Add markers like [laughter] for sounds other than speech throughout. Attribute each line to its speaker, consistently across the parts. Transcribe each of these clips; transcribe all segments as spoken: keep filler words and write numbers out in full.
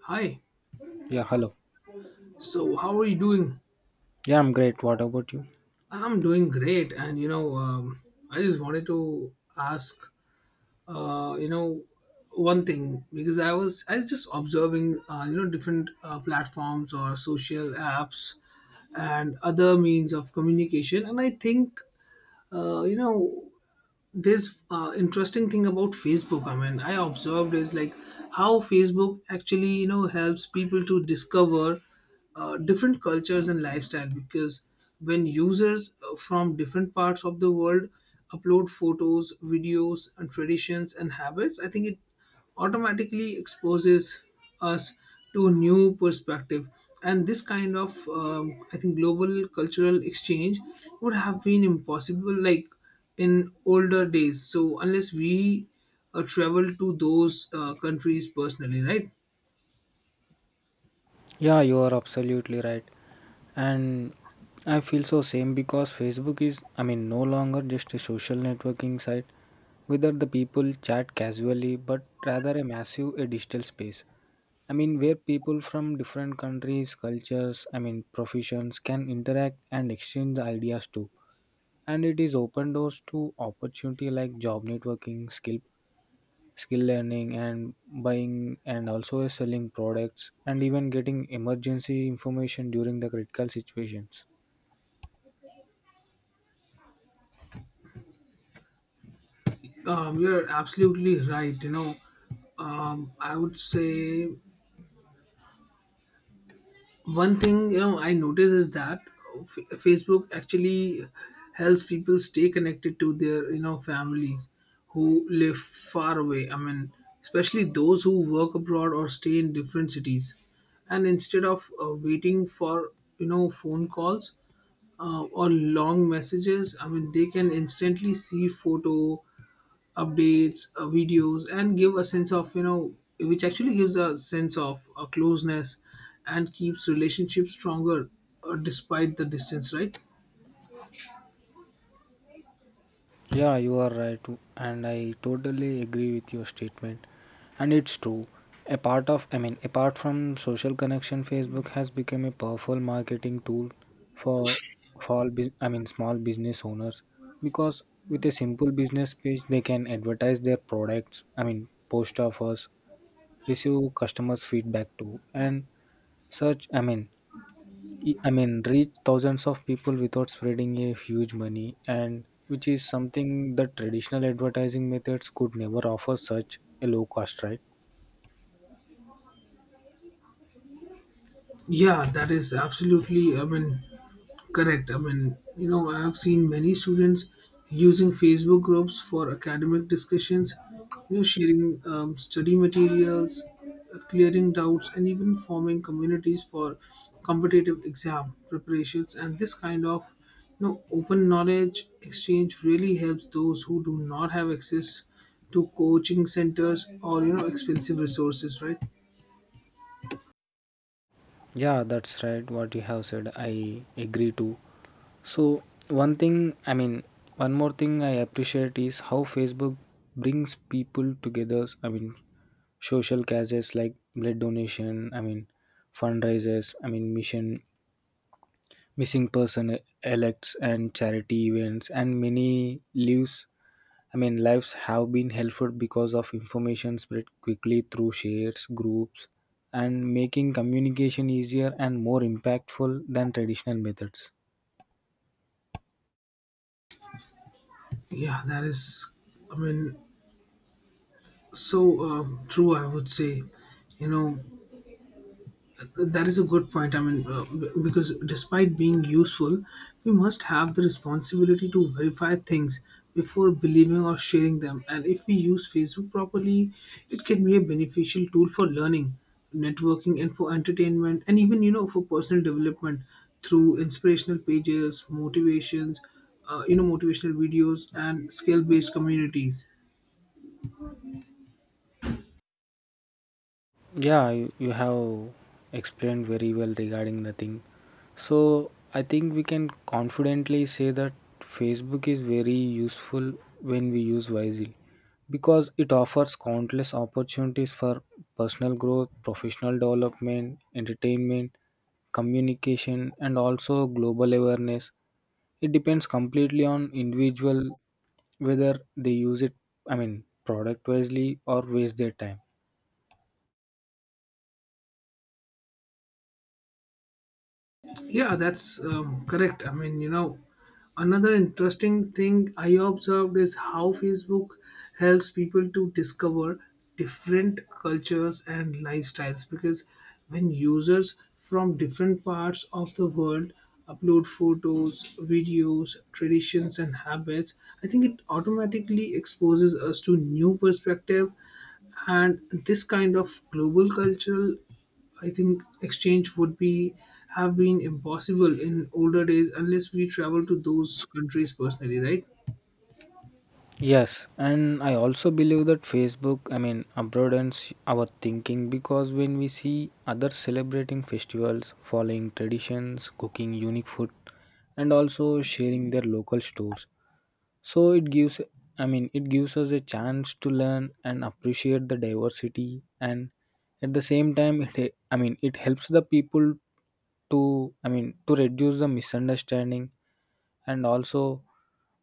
Speaker 1: Hi.
Speaker 2: Yeah, hello.
Speaker 1: So, how are you doing?
Speaker 2: Yeah, I'm great. What about you?
Speaker 1: I'm doing great, and you know, um, I just wanted to ask, uh, you know, one thing because I was I was just observing, uh, you know, different uh, platforms or social apps and other means of communication, and I think, uh, you know, this uh, interesting thing about Facebook, i mean I observed is like how Facebook actually, you know helps people to discover uh, different cultures and lifestyle, because when users, uh, from different parts of the world, upload photos, videos, and traditions and habits, I think it automatically exposes us to a new perspective. And this kind of, um, I think, global cultural exchange would have been impossible, like, in older days, so unless we uh, travel to those uh, countries personally, right?
Speaker 2: Yeah, you are absolutely right. And I feel so same because Facebook is, I mean, no longer just a social networking site whether the people chat casually, but rather a massive a digital space. I mean, where people from different countries, cultures, I mean, professions can interact and exchange the ideas too. And it is open doors to opportunity like job networking, skill skill learning and buying and also selling products and even getting emergency information during the critical situations.
Speaker 1: Um, you're absolutely right, you know um, i would say one thing, you know I notice is that F- facebook actually helps people stay connected to their, you know families who live far away, I mean especially those who work abroad or stay in different cities. And instead of uh, waiting for, you know phone calls, uh, or long messages, I mean they can instantly see photo updates, uh, videos, and give a sense of, you know, which actually gives a sense of uh, closeness and keeps relationships stronger uh, despite the distance, right?
Speaker 2: Yeah, you are right, and I totally agree with your statement, and it's true. A part of I mean Apart from social connection, Facebook has become a powerful marketing tool for for all bus- i mean small business owners, because with a simple business page they can advertise their products, I mean, post offers, receive customers feedback too, and such, I mean, e- I mean, reach thousands of people without spreading a huge money, and which is something that traditional advertising methods could never offer such a low cost, right?
Speaker 1: Yeah, that is absolutely, I mean, correct. I mean, you know, I have seen many students using Facebook groups for academic discussions, you know, sharing um, study materials, clearing doubts, and even forming communities for competitive exam preparations. And this kind of, you know, open knowledge exchange really helps those who do not have access to coaching centers or, you know, expensive resources, right?
Speaker 2: Yeah, that's right. What you have said, I agree too. So, one thing, I mean, one more thing I appreciate is how Facebook brings people together. I mean, social causes like blood donation, I mean, fundraisers, I mean, mission missing person elects and charity events, and many lives I mean lives have been helpful because of information spread quickly through shares groups, and making communication easier and more impactful than traditional methods.
Speaker 1: Yeah, that is, I mean, so um, true, I would say. You know, that is a good point. I mean, uh, b- because despite being useful, we must have the responsibility to verify things before believing or sharing them. And if we use Facebook properly, it can be a beneficial tool for learning, networking, and for entertainment, and even, you know, for personal development through inspirational pages, motivations, uh, you know, motivational videos, and skill based communities.
Speaker 2: Yeah, you, you have explained very well regarding the thing. So, I think we can confidently say that Facebook is very useful when we use wisely, because it offers countless opportunities for personal growth, professional development, entertainment, communication, and also global awareness. It depends completely on individual whether they use it, I mean, product wisely or waste their time.
Speaker 1: Yeah, that's um, correct. I mean, you know, another interesting thing I observed is how Facebook helps people to discover different cultures and lifestyles, because when users from different parts of the world upload photos, videos, traditions, and habits, I think it automatically exposes us to new perspective. And this kind of global cultural, I think, exchange would be have been impossible in older days unless we travel to those countries personally, right?
Speaker 2: Yes, and I also believe that Facebook, I mean, broadens our thinking, because when we see others celebrating festivals, following traditions, cooking unique food, and also sharing their local stores, so it gives, I mean, it gives us a chance to learn and appreciate the diversity, and at the same time, it, I mean, it helps the people to, I mean, to reduce the misunderstanding, and also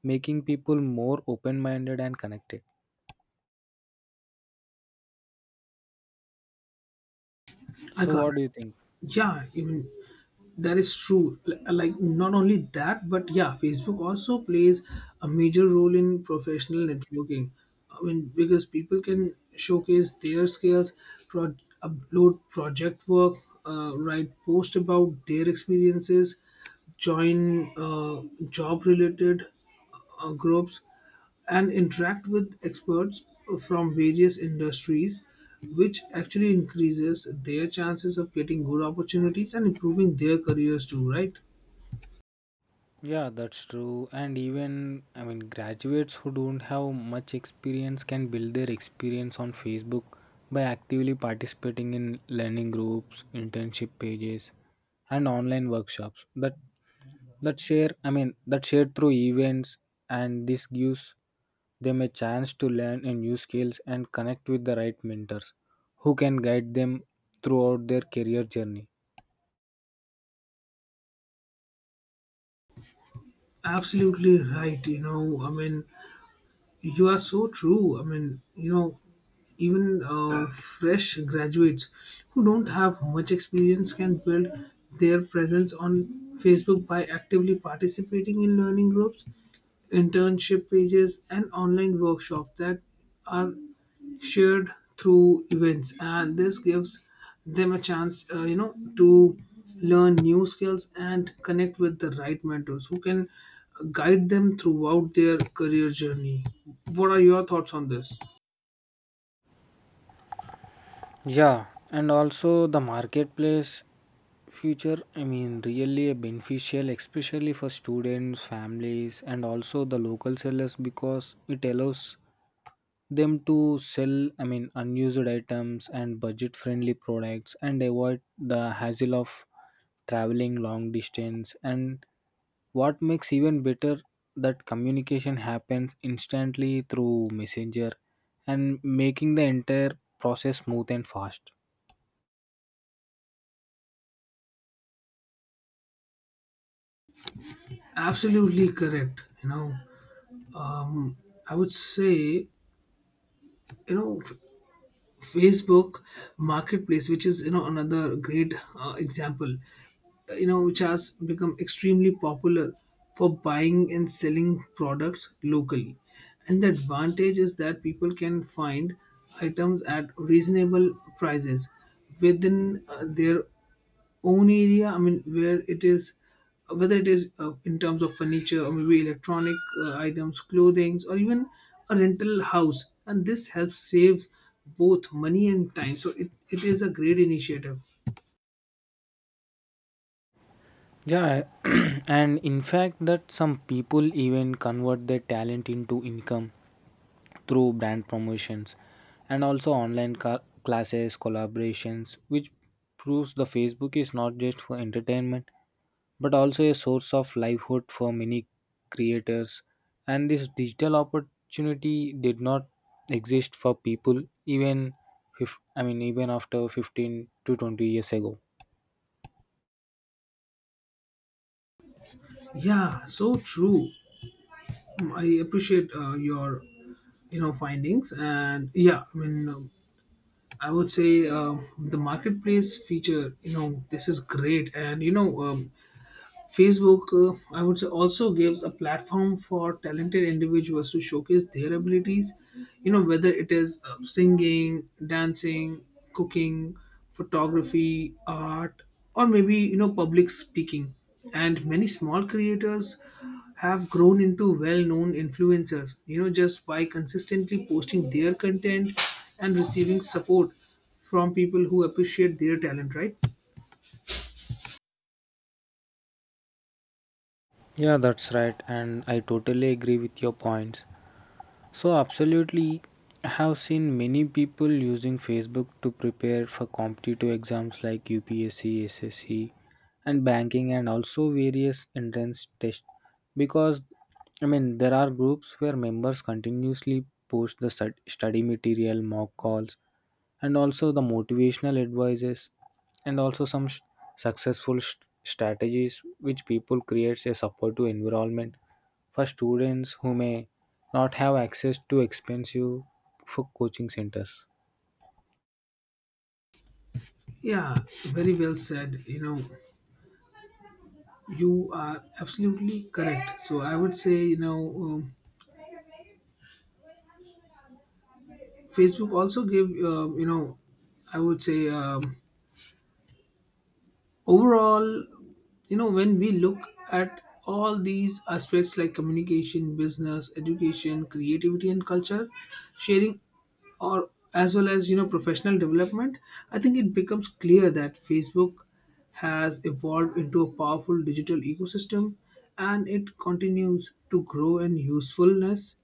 Speaker 2: making people more open-minded and connected.
Speaker 1: I
Speaker 2: So
Speaker 1: can't.
Speaker 2: what do you think?
Speaker 1: Yeah, even that is true. Li- Like not only that, but yeah, Facebook also plays a major role in professional networking. I mean, because people can showcase their skills, pro- upload project work, uh, write post about their experiences, join uh, job related uh, groups and interact with experts from various industries, which actually increases their chances of getting good opportunities and improving their careers too, right?
Speaker 2: Yeah, that's true. And even I mean graduates who don't have much experience can build their experience on Facebook by actively participating in learning groups, internship pages, and online workshops that that share I mean that share through events, and this gives them a chance to learn a new skills and connect with the right mentors who can guide them throughout their career journey.
Speaker 1: Absolutely right. You know, I mean, you are so true. I mean, you know, even uh, fresh graduates who don't have much experience can build their presence on Facebook by actively participating in learning groups, internship pages, and online workshops that are shared through events. And this gives them a chance, uh, you know, to learn new skills and connect with the right mentors who can guide them throughout their career journey. What are your thoughts on this?
Speaker 2: Yeah, and also the marketplace future, I mean, really a beneficial, especially for students, families, and also the local sellers, because it allows them to sell, I mean, unused items and budget friendly products and avoid the hassle of traveling long distance. And what makes even better that communication happens instantly through messenger, and making the entire process smooth and fast.
Speaker 1: Absolutely correct. You know, um, I would say, you know, F- Facebook Marketplace, which is, you know, another great uh, example. You know, which has become extremely popular for buying and selling products locally. And the advantage is that people can find items at reasonable prices within uh, their own area, I mean, where it is, whether it is uh, in terms of furniture or maybe electronic uh, items, clothing, or even a rental house. And this helps saves both money and time. So it, it is a great initiative.
Speaker 2: Yeah, [clears throat] and in fact, that some people even convert their talent into income through brand promotions and also online ca- classes, collaborations, which proves the Facebook is not just for entertainment but also a source of livelihood for many creators. And this digital opportunity did not exist for people even if I mean even after fifteen to twenty years ago.
Speaker 1: Yeah, so true. Um, I appreciate uh, your, you know, findings. And yeah, I mean, um, I would say uh, the marketplace feature, you know, this is great. And you know, um, Facebook, uh, I would say, also gives a platform for talented individuals to showcase their abilities. You know, whether it is uh, singing, dancing, cooking, photography, art, or maybe, you know, public speaking. And many small creators have grown into well known influencers, you know, just by consistently posting their content and receiving support from people who appreciate their talent, right?
Speaker 2: Yeah, that's right, and I totally agree with your points. So, absolutely, I have seen many people using Facebook to prepare for competitive exams like U P S C, S S C, and banking, and also various entrance tests. Because, I mean, there are groups where members continuously post the stud- study material, mock calls, and also the motivational advices, and also some sh- successful sh- strategies, which people creates a supportive environment for students who may not have access to expensive for coaching centers.
Speaker 1: Yeah, very well said. You know, you are absolutely correct. So I would say, you know, um, Facebook also give, uh, you know I would say, um, overall, you know, when we look at all these aspects like communication, business, education, creativity, and culture, sharing, or as well as, you know, professional development, I think it becomes clear that Facebook has evolved into a powerful digital ecosystem. And it continues to grow in usefulness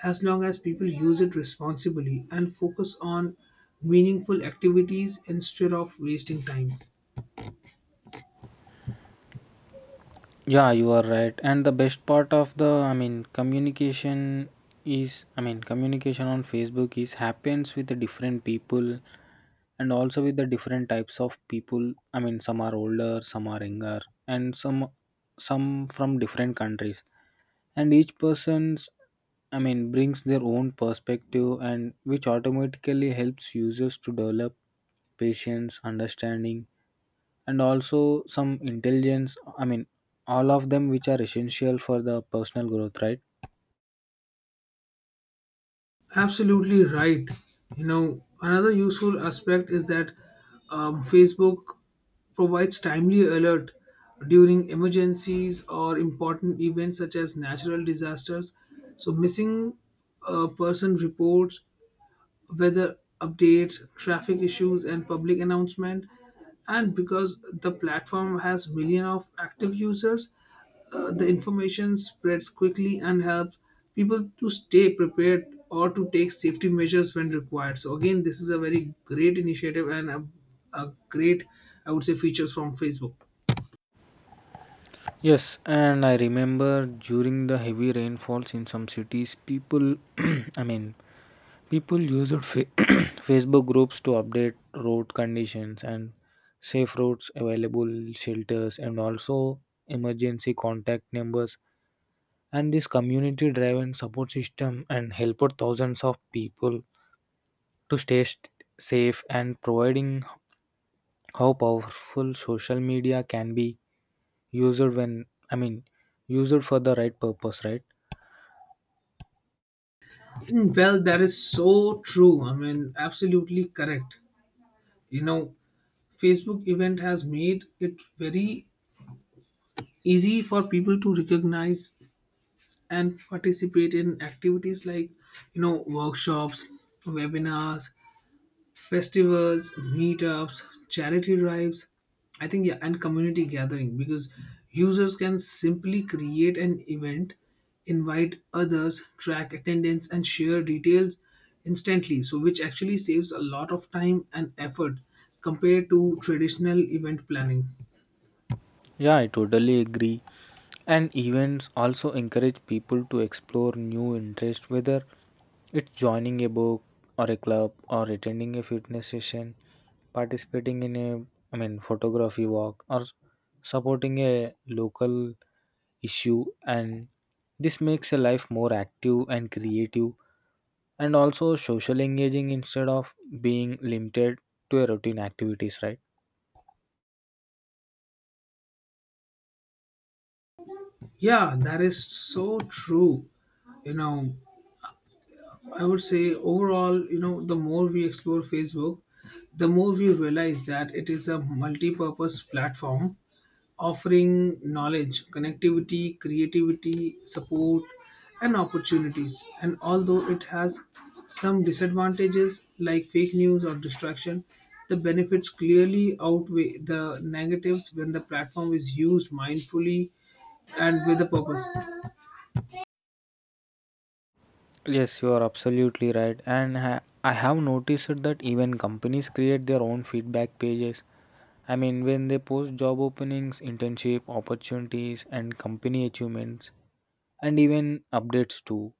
Speaker 1: as long as people use it responsibly and focus on meaningful activities instead of wasting time.
Speaker 2: Yeah, you are right, and the best part of the I mean communication is I mean communication on Facebook is happens with the different people, and also with the different types of people, I mean, some are older, some are younger, and some some from different countries, and each person's, I mean, brings their own perspective, and which automatically helps users to develop patience, understanding, and also some intelligence, I mean, all of them, which are essential for the personal growth, right?
Speaker 1: Absolutely right. You know, another useful aspect is that um, Facebook provides timely alert during emergencies or important events such as natural disasters. So, missing uh, person reports, weather updates, traffic issues, and public announcement. And because the platform has millions of active users, uh, the information spreads quickly and helps people to stay prepared or to take safety measures when required. So again, this is a very great initiative and a, a great, I would say, features from Facebook.
Speaker 2: Yes, and I remember during the heavy rainfalls in some cities people [clears throat] I mean people used fa- [clears throat] Facebook groups to update road conditions, and safe roads, available shelters, and also emergency contact numbers, and this community driven support system and helped thousands of people to stay st- safe, and providing how powerful social media can be used when I mean used for the right purpose, right?
Speaker 1: Mm, well, that is so true. I mean, absolutely correct. You know, Facebook event has made it very easy for people to recognize and participate in activities like, you know, workshops, webinars, festivals, meetups, charity drives, I think, yeah, and community gathering. Because users can simply create an event, invite others, track attendance, and share details instantly, so which actually saves a lot of time and effort compared to traditional event planning.
Speaker 2: Yeah, I totally agree, and events also encourage people to explore new interests whether it's joining a book or a club, or attending a fitness session, participating in a, I mean, photography walk, or supporting a local issue, and this makes a life more active and creative, and also social engaging instead of being limited to a routine activities, right?
Speaker 1: Yeah, that is so true. You know, I would say overall, you know, the more we explore Facebook, the more we realize that it is a multi purpose platform offering knowledge, connectivity, creativity, support, and opportunities. And although it has some disadvantages like fake news or distraction, the benefits clearly outweigh the negatives when the platform is used mindfully and with a purpose.
Speaker 2: Yes, you are absolutely right, and ha- I have noticed that even companies create their own feedback pages, I mean, when they post job openings, internship opportunities and company achievements, and even updates too,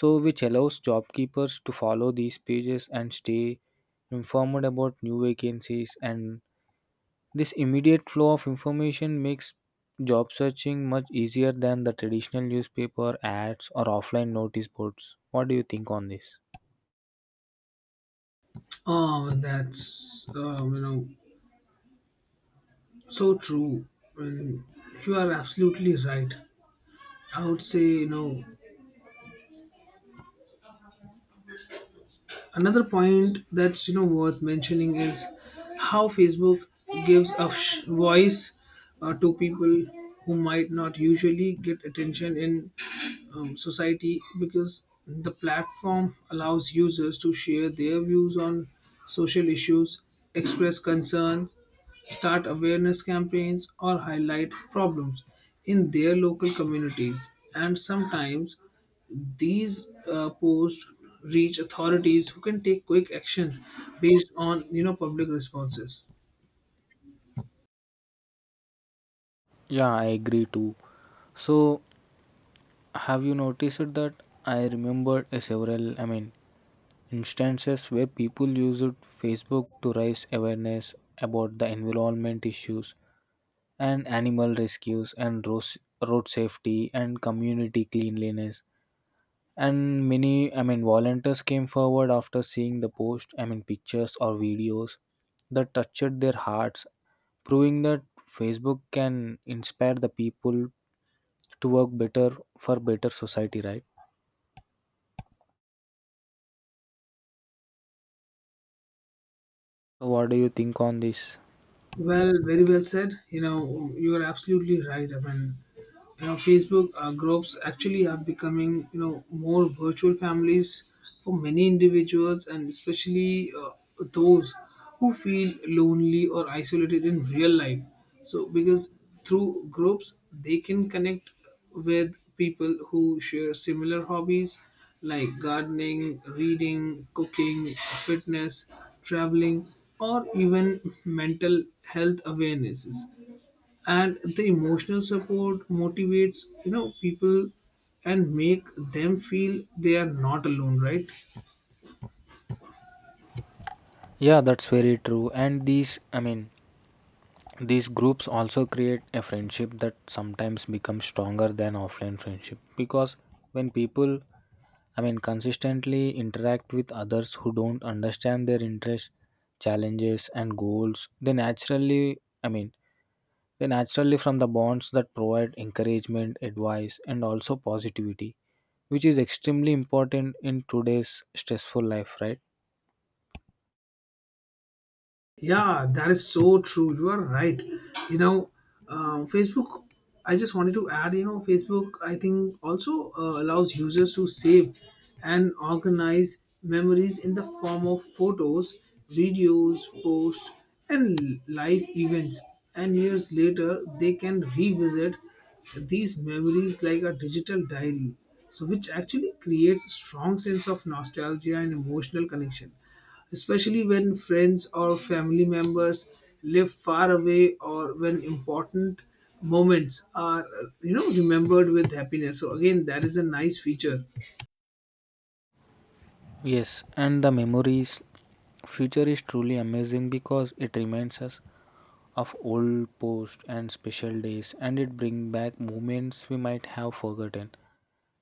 Speaker 2: so which allows job keepers to follow these pages and stay informed about new vacancies. And this immediate flow of information makes job searching much easier than the traditional newspaper ads or offline notice boards. What do you think on this?
Speaker 1: Oh, that's um, you know so true. Well, you are absolutely right. I would say, you know, another point that's, you know, worth mentioning is how Facebook gives a sh- voice uh, to people who might not usually get attention in um, society, because the platform allows users to share their views on social issues, express concerns, start awareness campaigns, or highlight problems in their local communities. And sometimes these uh, posts reach authorities who can take quick action based on, you know, public responses.
Speaker 2: Yeah, I agree too. So, have you noticed that I remembered a several, I mean, instances where people used Facebook to raise awareness about the environment issues, and animal rescues, and road, road safety and community cleanliness. And many I mean volunteers came forward after seeing the post, I mean, pictures or videos that touched their hearts, proving that Facebook can inspire the people to work better for better society, right? So what do you think on this?
Speaker 1: Well, very well said. You know, you are absolutely right. I mean, you know, Facebook uh, groups actually are becoming, you know, more virtual families for many individuals, and especially uh, those who feel lonely or isolated in real life. So, because through groups, they can connect with people who share similar hobbies like gardening, reading, cooking, fitness, traveling, or even mental health awarenesses. And the emotional support motivates, you know, people and make them feel they are not alone, right?
Speaker 2: Yeah, that's very true. And these, I mean, these groups also create a friendship that sometimes becomes stronger than offline friendship, because when people, I mean, consistently interact with others who don't understand their interests, challenges, and goals, they naturally, I mean, they naturally from the bonds that provide encouragement, advice, and also positivity, which is extremely important in today's stressful life, right?
Speaker 1: Yeah, that is so true. You are right. You know, um, Facebook, I just wanted to add, you know, Facebook, I think, also uh, allows users to save and organize memories in the form of photos, videos, posts, and l- live events. And years later, they can revisit these memories like a digital diary. So, which actually creates a strong sense of nostalgia and emotional connection, especially when friends or family members live far away, or when important moments are you know remembered with happiness. So again, that is a nice feature.
Speaker 2: Yes, and the memories future is truly amazing, because it reminds us of old posts and special days, and it brings back moments we might have forgotten.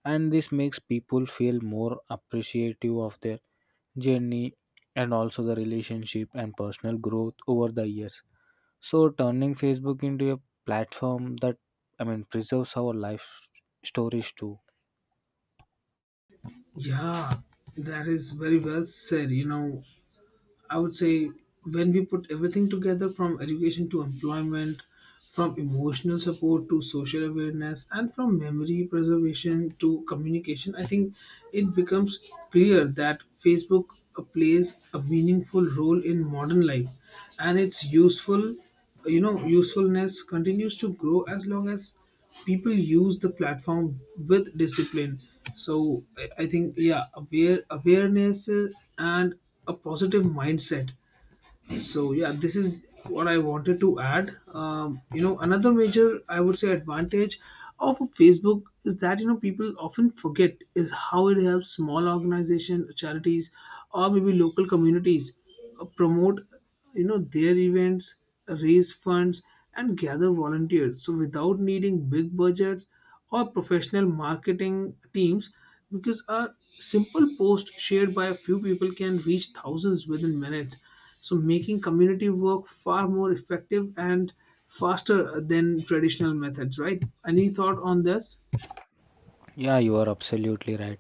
Speaker 2: And this makes people feel more appreciative of their journey, and also the relationship and personal growth over the years. So turning Facebook into a platform that I mean preserves our life stories too.
Speaker 1: Yeah, that is very well said. you know I would say, when we put everything together, from education to employment, from emotional support to social awareness, and from memory preservation to communication, I think it becomes clear that Facebook plays a meaningful role in modern life, and its useful you know usefulness continues to grow as long as people use the platform with discipline. So i I think, yeah, aware awareness uh, and a positive mindset. So yeah, this is what I wanted to add. Um, you know, another major, I would say, advantage of a Facebook is that, you know, people often forget, is how it helps small organizations, charities, or maybe local communities uh, promote, you know, their events, raise funds, and gather volunteers, so without needing big budgets or professional marketing teams, because a simple post shared by a few people can reach thousands within minutes, so making community work far more effective and faster than traditional methods, right? Any thought on this?
Speaker 2: Yeah, you are absolutely right.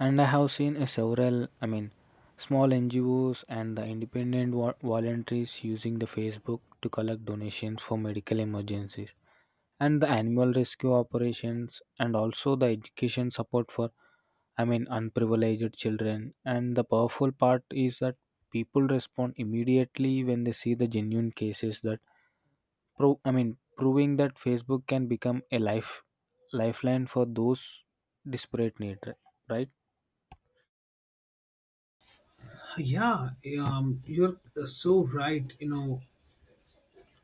Speaker 2: And I have seen a several, I mean, small N G Os and the independent vo- volunteers using the Facebook to collect donations for medical emergencies, and the animal rescue operations, and also the education support for, I mean, unprivileged children. And the powerful part is that people respond immediately when they see the genuine cases that Pro- I mean, proving that Facebook can become a life lifeline for those desperate need, ri- right?
Speaker 1: Yeah. Um, you're so right. You know,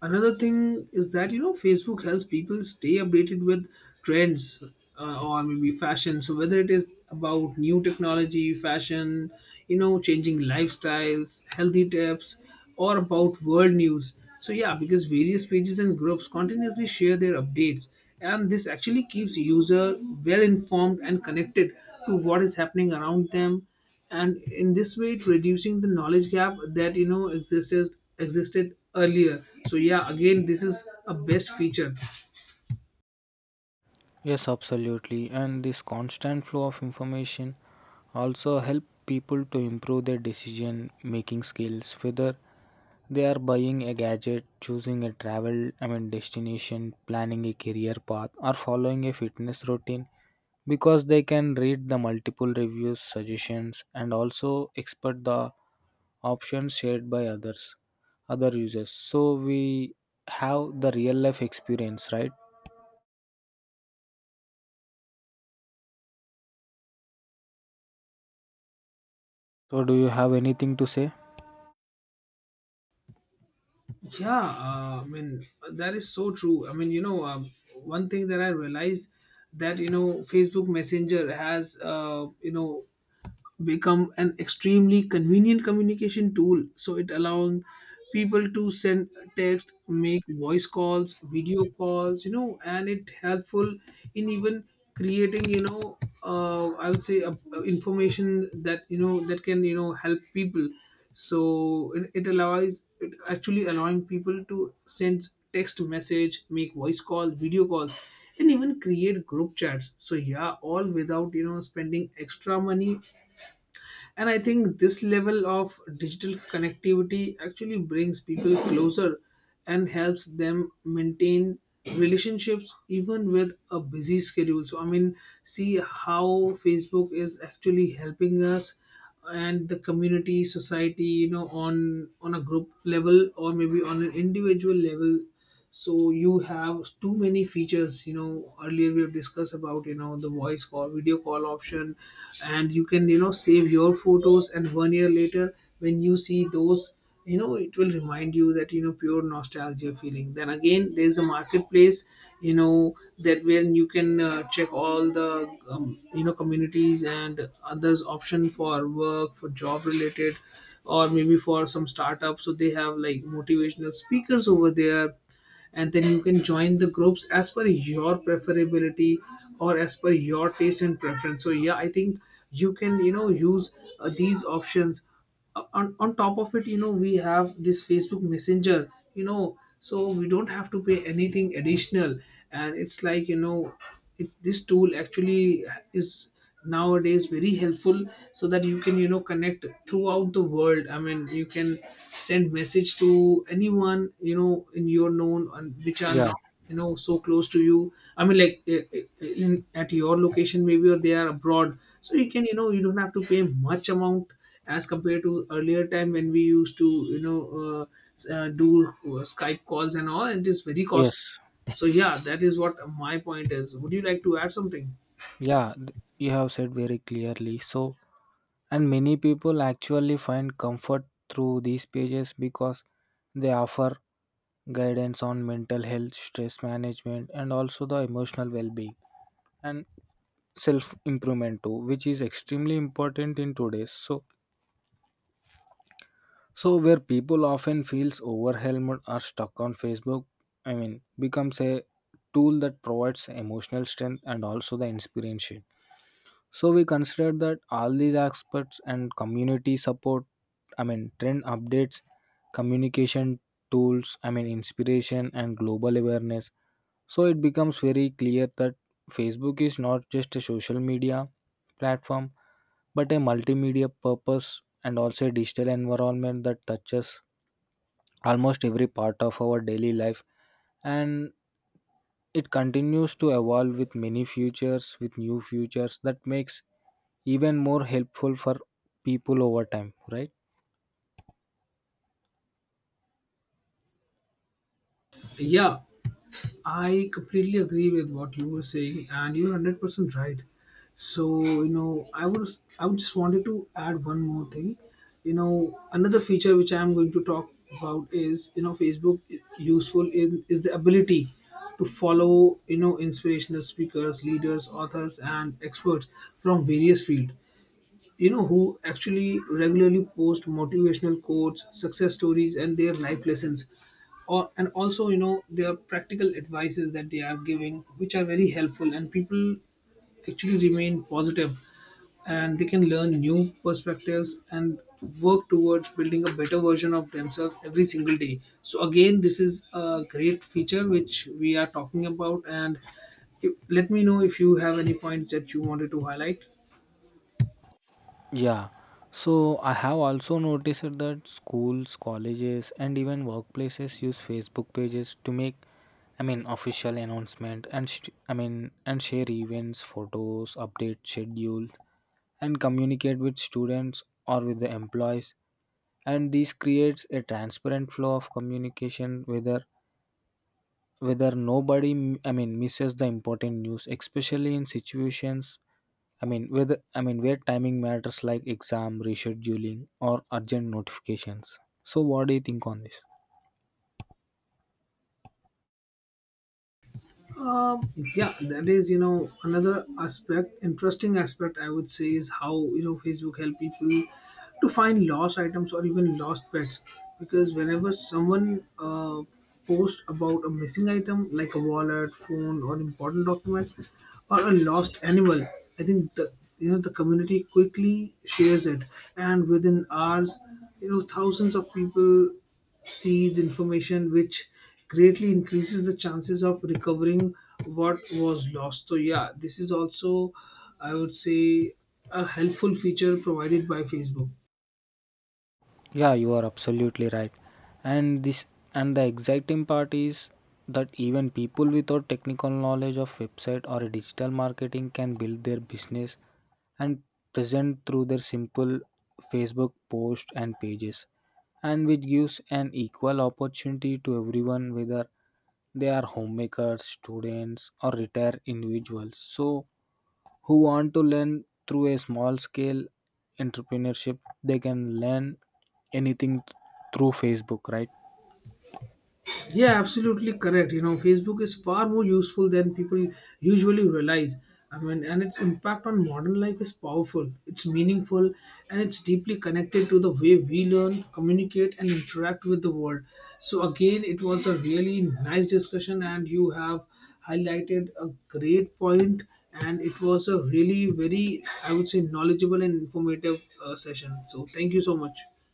Speaker 1: another thing is that, you know, Facebook helps people stay updated with trends, uh, or maybe fashion. So whether it is about new technology, fashion, you know, changing lifestyles, healthy tips, or about world news. So yeah, because various pages and groups continuously share their updates, and this actually keeps user well informed and connected to what is happening around them. And in this way, it reducing the knowledge gap that, you know, existed existed earlier. So yeah, again, this is a best feature.
Speaker 2: Yes, absolutely. And this constant flow of information also help people to improve their decision making skills, whether they are buying a gadget, choosing a travel, I mean, destination, planning a career path, or following a fitness routine, because they can read the multiple reviews, suggestions, and also expert the options shared by others other users, so we have the real life experience, right? So do you have anything to say?
Speaker 1: Yeah, uh, I mean, that is so true. I mean, you know, um, one thing that I realized, that you know, Facebook Messenger has, uh, you know become an extremely convenient communication tool. So it allowing people to send text, make voice calls, video calls, you know, and it helpful in even creating, you know, uh, I would say, uh, information that, you know, that can, you know, help people. So it, it allows it actually allowing people to send text message, make voice call, video calls, and even create group chats. So yeah, all without, you know, spending extra money. And I think this level of digital connectivity actually brings people closer and helps them maintain relationships even with a busy schedule. So, I mean, see how Facebook is actually helping us and the community society, you know, on on a group level, or maybe on an individual level. So you have too many features. You know, earlier we have discussed about, you know, the voice call, video call option, and you can, you know, save your photos, and one year later, when you see those, you know, it will remind you that, you know, pure nostalgia feeling. Then again, there's a marketplace, you know, that when you can uh, check all the um, you know, communities and others option for work, for job related, or maybe for some startups. So they have like motivational speakers over there, and then you can join the groups as per your preferability, or as per your taste and preference. So yeah, I think you can, you know, use uh, these options. Uh, on, on top of it, you know, we have this Facebook Messenger, you know, so we don't have to pay anything additional, and it's like, you know, it, this tool actually is nowadays very helpful, so that you can, you know, connect throughout the world. I mean, you can send message to anyone, you know, in your known and which are
Speaker 2: Yeah,
Speaker 1: not, you know, so close to you. I mean, like, eh, eh, eh, in, at your location maybe, or they are abroad. So you can, you know, you don't have to pay much amount as compared to earlier time, when we used to, you know, uh, s- uh, do uh, Skype calls and all, and it is very costly.
Speaker 2: yes,
Speaker 1: So yeah, that is what my point is. Would you like to add something?
Speaker 2: yeah, th- you have said very clearly. So, and many people actually find comfort through these pages, because they offer guidance on mental health, stress management, and also the emotional well-being and self improvement too, which is extremely important in today's so. So where people often feels overwhelmed or stuck on Facebook, I mean, becomes a tool that provides emotional strength and also the inspiration. So we consider that all these aspects and community support, I mean, trend updates, communication tools, I mean, inspiration and global awareness. So it becomes very clear that Facebook is not just a social media platform, but a multimedia purpose, and also a digital environment that touches almost every part of our daily life, and it continues to evolve with many futures, with new futures that makes even more helpful for people over time, right?
Speaker 1: Yeah, I completely agree with what you were saying, and you're hundred percent right. So you know, I was I would just wanted to add one more thing. You know, another feature which I am going to talk about is, you know, Facebook i- useful in is the ability to follow, you know, inspirational speakers, leaders, authors, and experts from various fields, you know, who actually regularly post motivational quotes, success stories, and their life lessons, or, and also, you know, their practical advices that they are giving, which are very helpful, and people actually remain positive, and they can learn new perspectives and work towards building a better version of themselves every single day. So again, this is a great feature which we are talking about. And if, let me know if you have any points that you wanted to highlight.
Speaker 2: Yeah, so I have also noticed that schools, colleges, and even workplaces use Facebook pages to make, I mean, official announcement and sh- i mean and share events, photos, update schedules, and communicate with students or with the employees, and this creates a transparent flow of communication, whether whether nobody m- i mean misses the important news, especially in situations, I mean, whether I mean where timing matters, like exam rescheduling or urgent notifications. So what do you think on this?
Speaker 1: Um, yeah, that is, you know, another aspect, interesting aspect, I would say, is how, you know, Facebook help people to find lost items or even lost pets. Because whenever someone uh, posts about a missing item like a wallet, phone, or important documents, or a lost animal, I think the you know the community quickly shares it, and within hours, you know, thousands of people seed information, which greatly increases the chances of recovering what was lost. So yeah, this is also, I would say, a helpful feature provided by Facebook.
Speaker 2: Yeah, you are absolutely right. And this and the exciting part is that even people without technical knowledge of website or digital marketing can build their business and present through their simple Facebook post and pages, and which gives an equal opportunity to everyone, whether they are homemakers, students or retired individuals. So who want to learn through a small scale entrepreneurship they can learn anything through Facebook, right?
Speaker 1: Yeah, absolutely correct. You know, Facebook is far more useful than people usually realize. I mean, and its impact on modern life is powerful, it's meaningful, and it's deeply connected to the way we learn, communicate, and interact with the world. So again, it was a really nice discussion, and you have highlighted a great point, and it was a really very, I would say, knowledgeable and informative uh, session. So thank you so much.